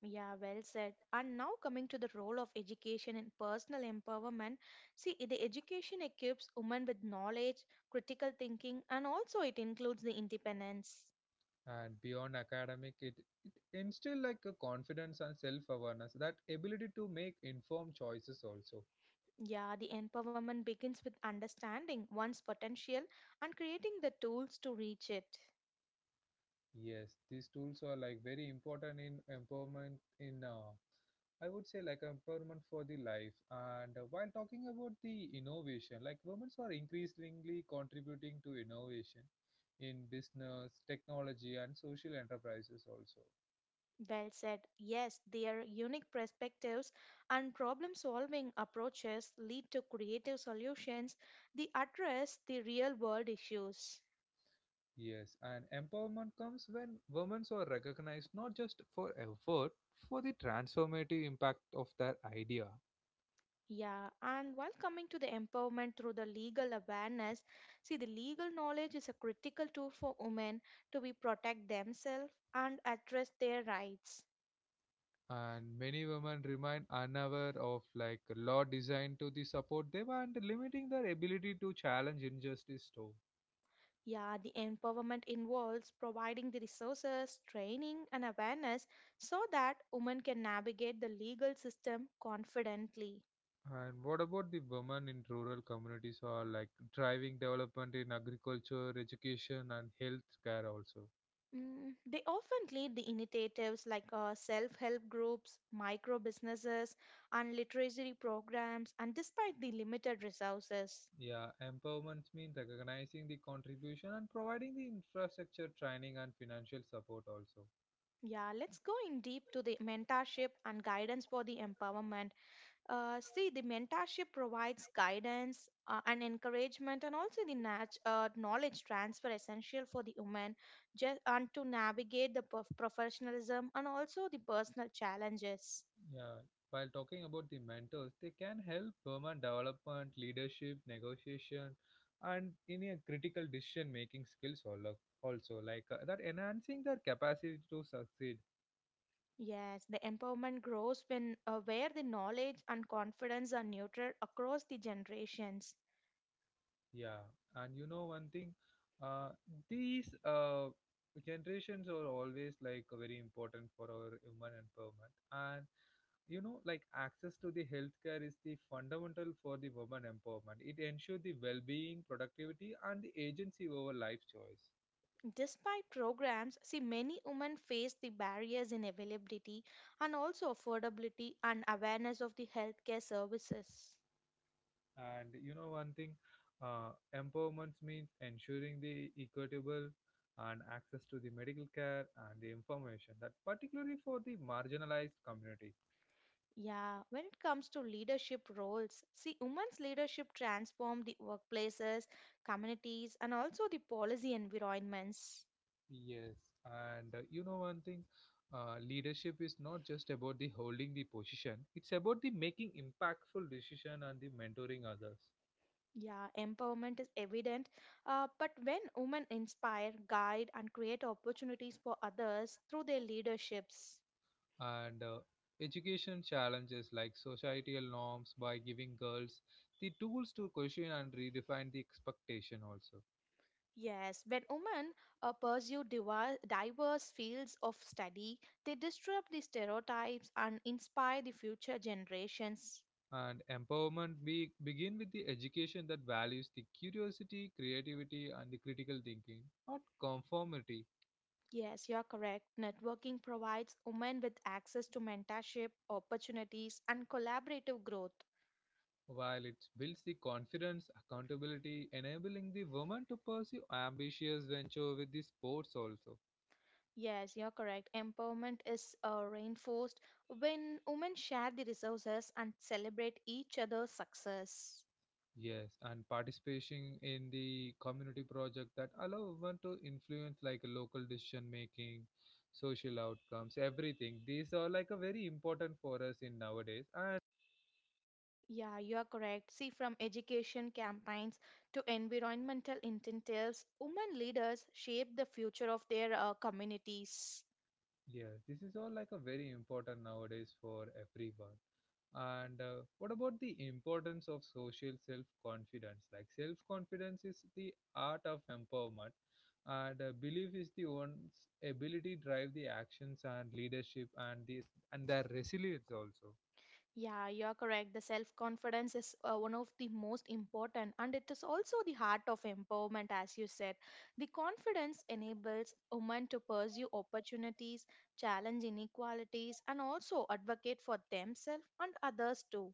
Speaker 2: Yeah, well said. And now coming to the role of education in personal empowerment, see the education equips women with knowledge, critical thinking, and also it includes the independence.
Speaker 1: And beyond academic, it instill like a confidence and self-awareness, that ability to make informed choices also.
Speaker 2: Yeah, the empowerment begins with understanding one's potential and creating the tools to reach it.
Speaker 1: Yes, these tools are like very important in empowerment in I would say like empowerment for the life. And while talking about the innovation, like women are increasingly contributing to innovation in business, technology, and social enterprises also.
Speaker 2: Well said. Yes, their unique perspectives and problem solving approaches lead to creative solutions that address the real world issues.
Speaker 1: Yes, and empowerment comes when women are recognized not just for effort, for the transformative impact of their idea.
Speaker 2: Yeah, and while coming to the empowerment through the legal awareness, see, the legal knowledge is a critical tool for women to be protect themselves and address their rights.
Speaker 1: And many women remain unaware of like law designed to the support them and limiting their ability to challenge injustice too.
Speaker 2: Yeah, the empowerment involves providing the resources, training, and awareness so that women can navigate the legal system confidently.
Speaker 1: And what about the women in rural communities who are like driving development in agriculture education and health care also?
Speaker 2: Mm, they often lead the initiatives like self help groups, micro businesses, and literacy programs, and despite the limited resources.
Speaker 1: Yeah, empowerment means recognizing the contribution and providing the infrastructure training and financial support also.
Speaker 2: Yeah, let's go in deep to the mentorship and guidance for the empowerment. See, the mentorship provides guidance and encouragement, and also the knowledge transfer essential for the woman just, and to navigate the professionalism and also the personal challenges.
Speaker 1: Yeah, while talking about the mentors, they can help women development, leadership, negotiation, and in a critical decision making skills also like that enhancing their capacity to succeed.
Speaker 2: Yes, the empowerment grows when where the knowledge and confidence are nurtured across the generations.
Speaker 1: Yeah, and you know one thing, uh, these generations are always like very important for our human empowerment. And you know like access to the healthcare is the fundamental for the woman empowerment. It ensures the well-being productivity and the agency over life choice.
Speaker 2: Despite programs, see many women face the barriers in availability and also affordability and awareness of the healthcare services.
Speaker 1: And you know one thing, empowerment means ensuring the equitable and access to the medical care and the information that particularly for the marginalized community.
Speaker 2: Yeah, when it comes to leadership roles, see, women's leadership transform the workplaces, communities, and also the policy environments.
Speaker 1: Yes, and you know one thing, leadership is not just about the holding the position, it's about the making impactful decision and the mentoring others.
Speaker 2: Yeah, empowerment is evident, but when women inspire, guide, and create opportunities for others through their leaderships.
Speaker 1: And education challenges like societal norms by giving girls the tools to question and redefine the expectation also.
Speaker 2: Yes, when women pursue diverse fields of study, they disrupt the stereotypes and inspire the future generations.
Speaker 1: And empowerment begin with the education that values the curiosity creativity and the critical thinking, not conformity.
Speaker 2: Yes, you're correct. Networking provides women with access to mentorship, opportunities, and collaborative growth.
Speaker 1: While it builds the confidence accountability enabling the woman to pursue ambitious venture with the sports also.
Speaker 2: Yes, you're correct. Empowerment is reinforced when women share the resources and celebrate each other's success.
Speaker 1: Yes, and participating in the community project that allow one to influence like a local decision making, social outcomes, everything. These are like a very important for us in nowadays. And
Speaker 2: Yeah, you are correct. See, from education campaigns to environmental incentives, women leaders shape the future of their communities.
Speaker 1: yes, this is all like a very important nowadays for everyone. And what about the importance of social self confidence? Like, self confidence is the art of empowerment, and belief is the one's ability drive the actions and leadership and their resilience also.
Speaker 2: Yeah, you're correct. The self confidence is one of the most important, and it is also the heart of empowerment, as you said. The confidence enables women to pursue opportunities, challenge inequalities, and also advocate for themselves and others too.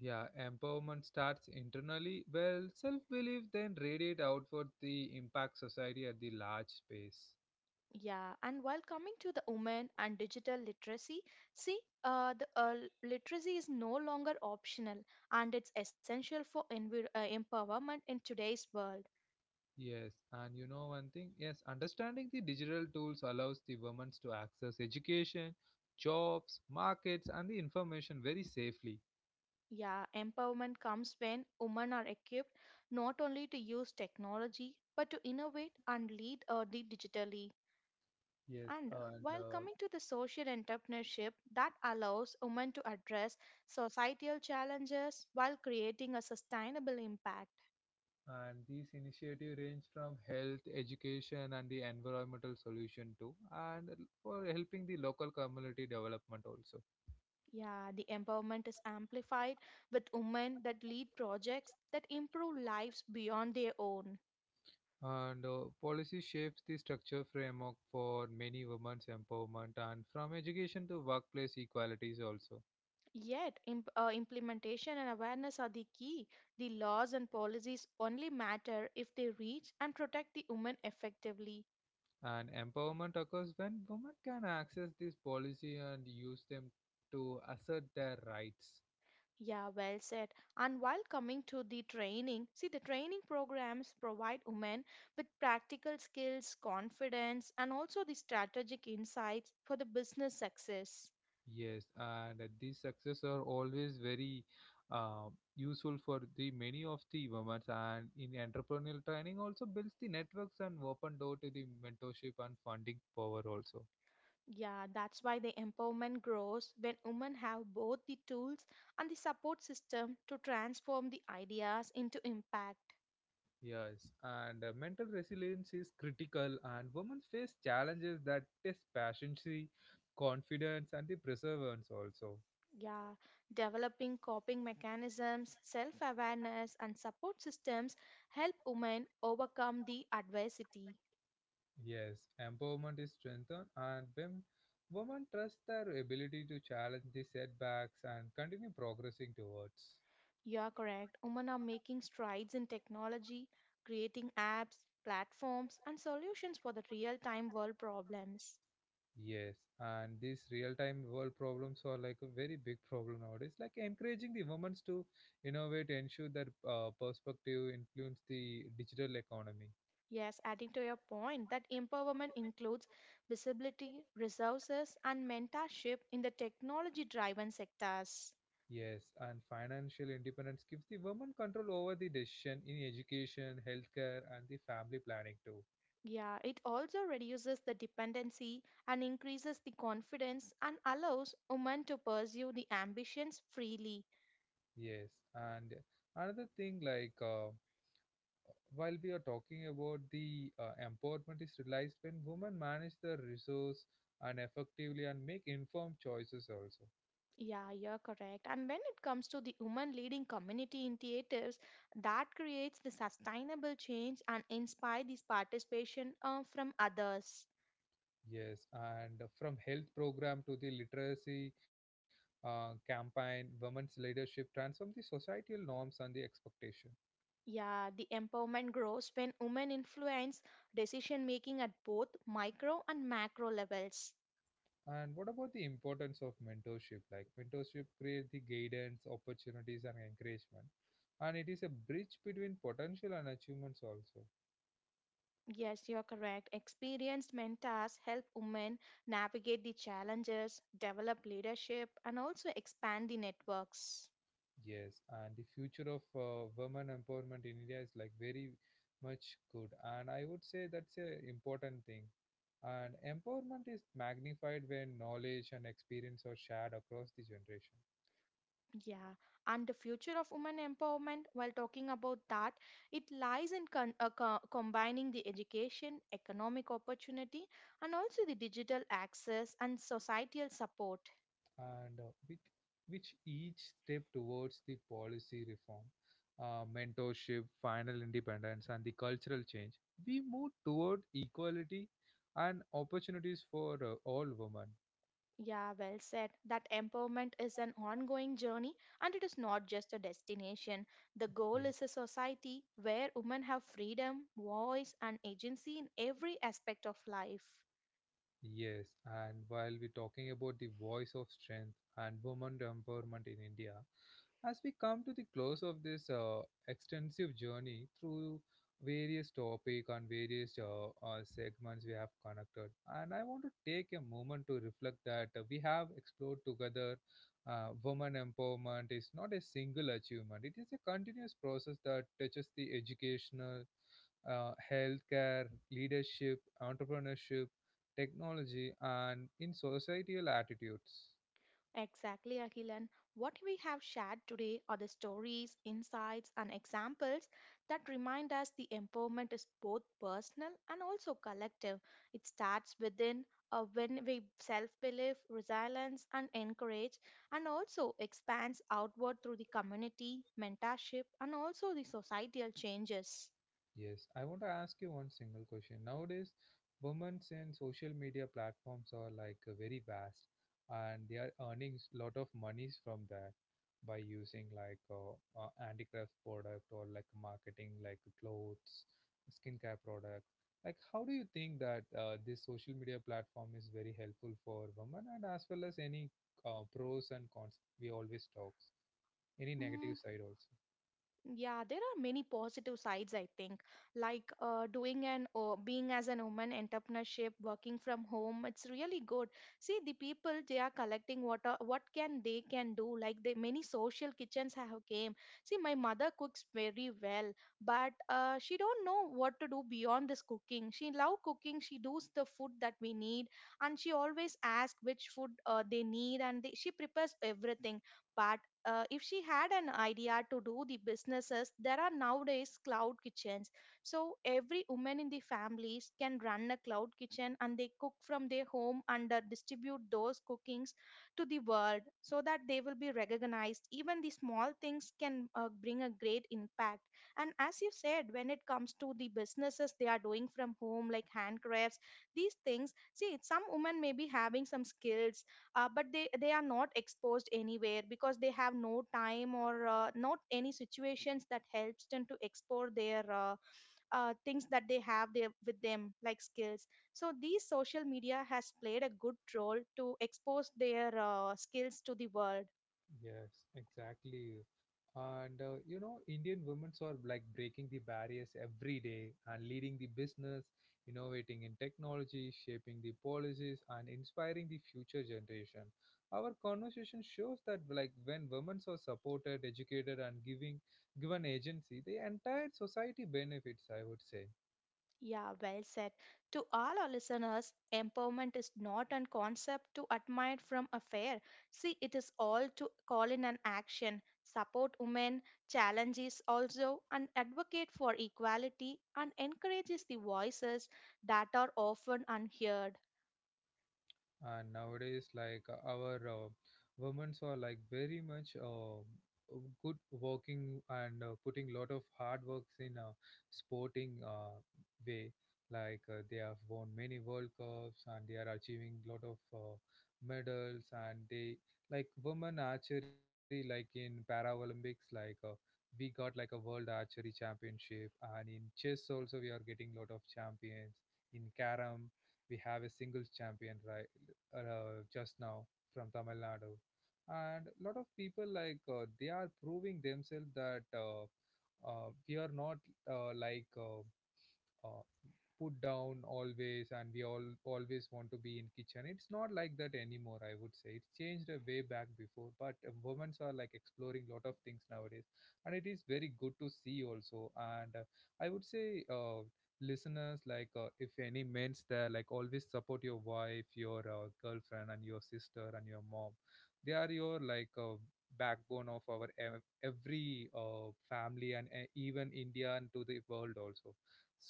Speaker 1: Yeah, empowerment starts internally. Well, self belief then radiate outward the impact society at the large space.
Speaker 2: Yeah, and while coming to the women and digital literacy, see, the literacy is no longer optional and it's essential for empowerment in today's world.
Speaker 1: Yes, and you know one thing? Yes, understanding the digital tools allows the women to access education, jobs, markets, and the information very safely.
Speaker 2: Yeah, empowerment comes when women are equipped not only to use technology but to innovate and lead or lead digitally.
Speaker 1: Yes,
Speaker 2: And
Speaker 1: and
Speaker 2: while
Speaker 1: uh,
Speaker 2: coming to the social entrepreneurship that allows women to address societal challenges while creating a sustainable impact.
Speaker 1: and these initiatives range from health, education, and the environmental solution too, and for helping the local community development also.
Speaker 2: Yeah, the empowerment is amplified with women that lead projects that improve lives beyond their own.
Speaker 1: And policy shapes the structure framework for many women's empowerment, and from education to workplace equalities also.
Speaker 2: Yet, implementation and awareness are the key. The laws and policies only matter if they reach and protect the women effectively.
Speaker 1: And empowerment occurs when women can access this policy and use them to assert their rights.
Speaker 2: Yeah, well said. And while coming to the training, see the training programs provide women with practical skills, confidence, and also the strategic insights for the business success.
Speaker 1: Yes, and these success are always very uh, useful for the many of the women. And in entrepreneurial training, also builds the networks and open door to the mentorship and funding power also.
Speaker 2: Yeah, that's why the empowerment grows when women have both the tools and the support system to transform the ideas into impact.
Speaker 1: Yes, and mental resilience is critical, and women face challenges that test patience, confidence, and the perseverance also.
Speaker 2: Yeah, developing coping mechanisms, self awareness, and support systems help women overcome the adversity.
Speaker 1: Yes, empowerment is strengthened, and when women trust their ability to challenge the setbacks and continue progressing towards.
Speaker 2: You are correct. Women are making strides in technology, creating apps, platforms, and solutions for the real time world problems.
Speaker 1: Yes, and these real-time world problems are like a very big problem nowadays. Like encouraging the women to innovate, ensure their perspective, influence the digital economy.
Speaker 2: Yes, adding to your point that empowerment includes visibility, resources, and mentorship in the technology driven sectors.
Speaker 1: Yes, and financial independence gives the women control over the decision in education, healthcare, and the family planning too.
Speaker 2: Yeah, it also reduces the dependency and increases the confidence and allows women to pursue the ambitions freely.
Speaker 1: Yes, and another thing like. While we are talking about the empowerment is realized when women manage their resource and effectively and make informed choices also.
Speaker 2: Yeah, you're correct. And when it comes to the women leading community initiatives, that creates the sustainable change and inspire this participation from others.
Speaker 1: Yes, and from health program to the literacy campaign, women's leadership transform the societal norms and the expectation.
Speaker 2: Yeah, the empowerment grows when women influence decision making at both micro and macro levels.
Speaker 1: And what about the importance of mentorship? Like mentorship create the guidance opportunities and encouragement, and it is a bridge between potential and achievements also.
Speaker 2: Yes, you're correct. Experienced mentors help women navigate the challenges, develop leadership, and also expand the networks.
Speaker 1: Yes, and the future of women empowerment in India is like very much good, and I would say that's a important thing. And empowerment is magnified when knowledge and experience are shared across the generation,
Speaker 2: Yeah, and the future of women empowerment, while talking about that, it lies in combining the education, economic opportunity, and also the digital access and societal support.
Speaker 1: and with which each step towards the policy reform, mentorship, final independence, and the cultural change, we move toward equality and opportunities for all women.
Speaker 2: Yeah, well said. That empowerment is an ongoing journey and it is not just a destination. The goal
Speaker 1: Yes.
Speaker 2: is a society where women have freedom, voice, and agency in every aspect of life.
Speaker 1: Yes, and while we're talking about the voice of strength and women empowerment in India, as we come to the close of this extensive journey through various topic and various segments we have connected, and I want to take a moment to reflect that we have explored together. Women empowerment is not a single achievement, it is a continuous process that touches the educational, healthcare, leadership, entrepreneurship, technology, and in societal attitudes.
Speaker 2: Exactly, Akhilan. What we have shared today are the stories, insights, and examples that remind us the empowerment is both personal and also collective. It starts within when we self believe, resilience, and encourage, and also expands outward through the community, mentorship, and also the societal changes.
Speaker 1: Yes, I want to ask you one single question. Nowadays, women's in social media platforms are like very vast, and they are earning a lot of monies from that by using like handicraft product or like marketing like clothes, skincare products. Like, how do you think that this social media platform is very helpful for women, and as well as any pros and cons we always talks, any
Speaker 2: Mm,
Speaker 1: negative side also?
Speaker 2: yeah, there are many positive sides, I think. Like doing an or being as an woman entrepreneurship, working from home, it's really good. See, the people they are collecting what are, what can they can do. Like the many social kitchens have came. See, my mother cooks very well, but she don't know what to do beyond this cooking. She love cooking. She does the food that we need, and she always asks which food they need, and they, she prepares everything but if she had an idea to do the businesses, there are nowadays cloud kitchens. So every woman in the families can run a cloud kitchen and they cook from their home and distribute those cookings to the world so that they will be recognized. Even the small things can bring a great impact. And as you said, when it comes to the businesses they are doing from home, like handcrafts, these things, see, some women may be having some skills but they are not exposed anywhere because they have no time or not any situations that helps them to explore their things that they have there with them like skills, so these social media has played a good role to expose their skills to the world.
Speaker 1: Yes, exactly. And Indian women are like breaking the barriers every day and leading the business, innovating in technology, shaping the policies, and inspiring the future generation. Our conversation shows that like when women are supported, educated, and giving given agency, the entire society benefits, I would say.
Speaker 2: Yeah, well said. To all our listeners, empowerment is not a concept to admire from afar. See, it is all to call in an action, support women, challenges also, and advocate for equality and encourages the voices that are often unheard.
Speaker 1: And nowadays like our women are like very much good working and putting lot of hard works in a sporting way, like they have won many world cups and they are achieving lot of medals. And they like women archery like in paralympics, like we got like a world archery championship. And in chess also we are getting lot of champions. In carom we have a singles champion, right? Just now from Tamil Nadu, and a lot of people like they are proving themselves that we are not like uh, put down always, and we all always want to be in kitchen. It's not like that anymore, I would say. It's changed a way back before, but women are like exploring lot of things nowadays, and it is very good to see also. And I would say listeners, like if any men's there, like always support your wife, your girlfriend, and your sister, and your mom. They are your like backbone of our every family, and even India and to the world also.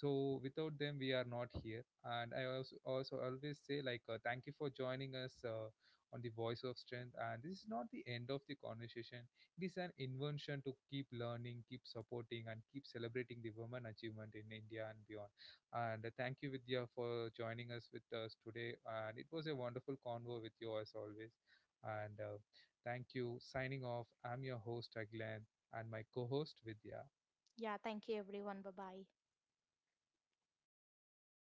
Speaker 1: So without them we are not here. And I also always say, like thank you for joining us on the voice of strength, and this is not the end of the conversation. It is an invention to keep learning, keep supporting, and keep celebrating the women achievement in India and beyond. And thank you Vidya for joining us with us today, and it was a wonderful convo with you as always. And thank you, signing off. I'm your host Aglan, and my co-host Vidya.
Speaker 2: Yeah, thank you everyone. Bye bye.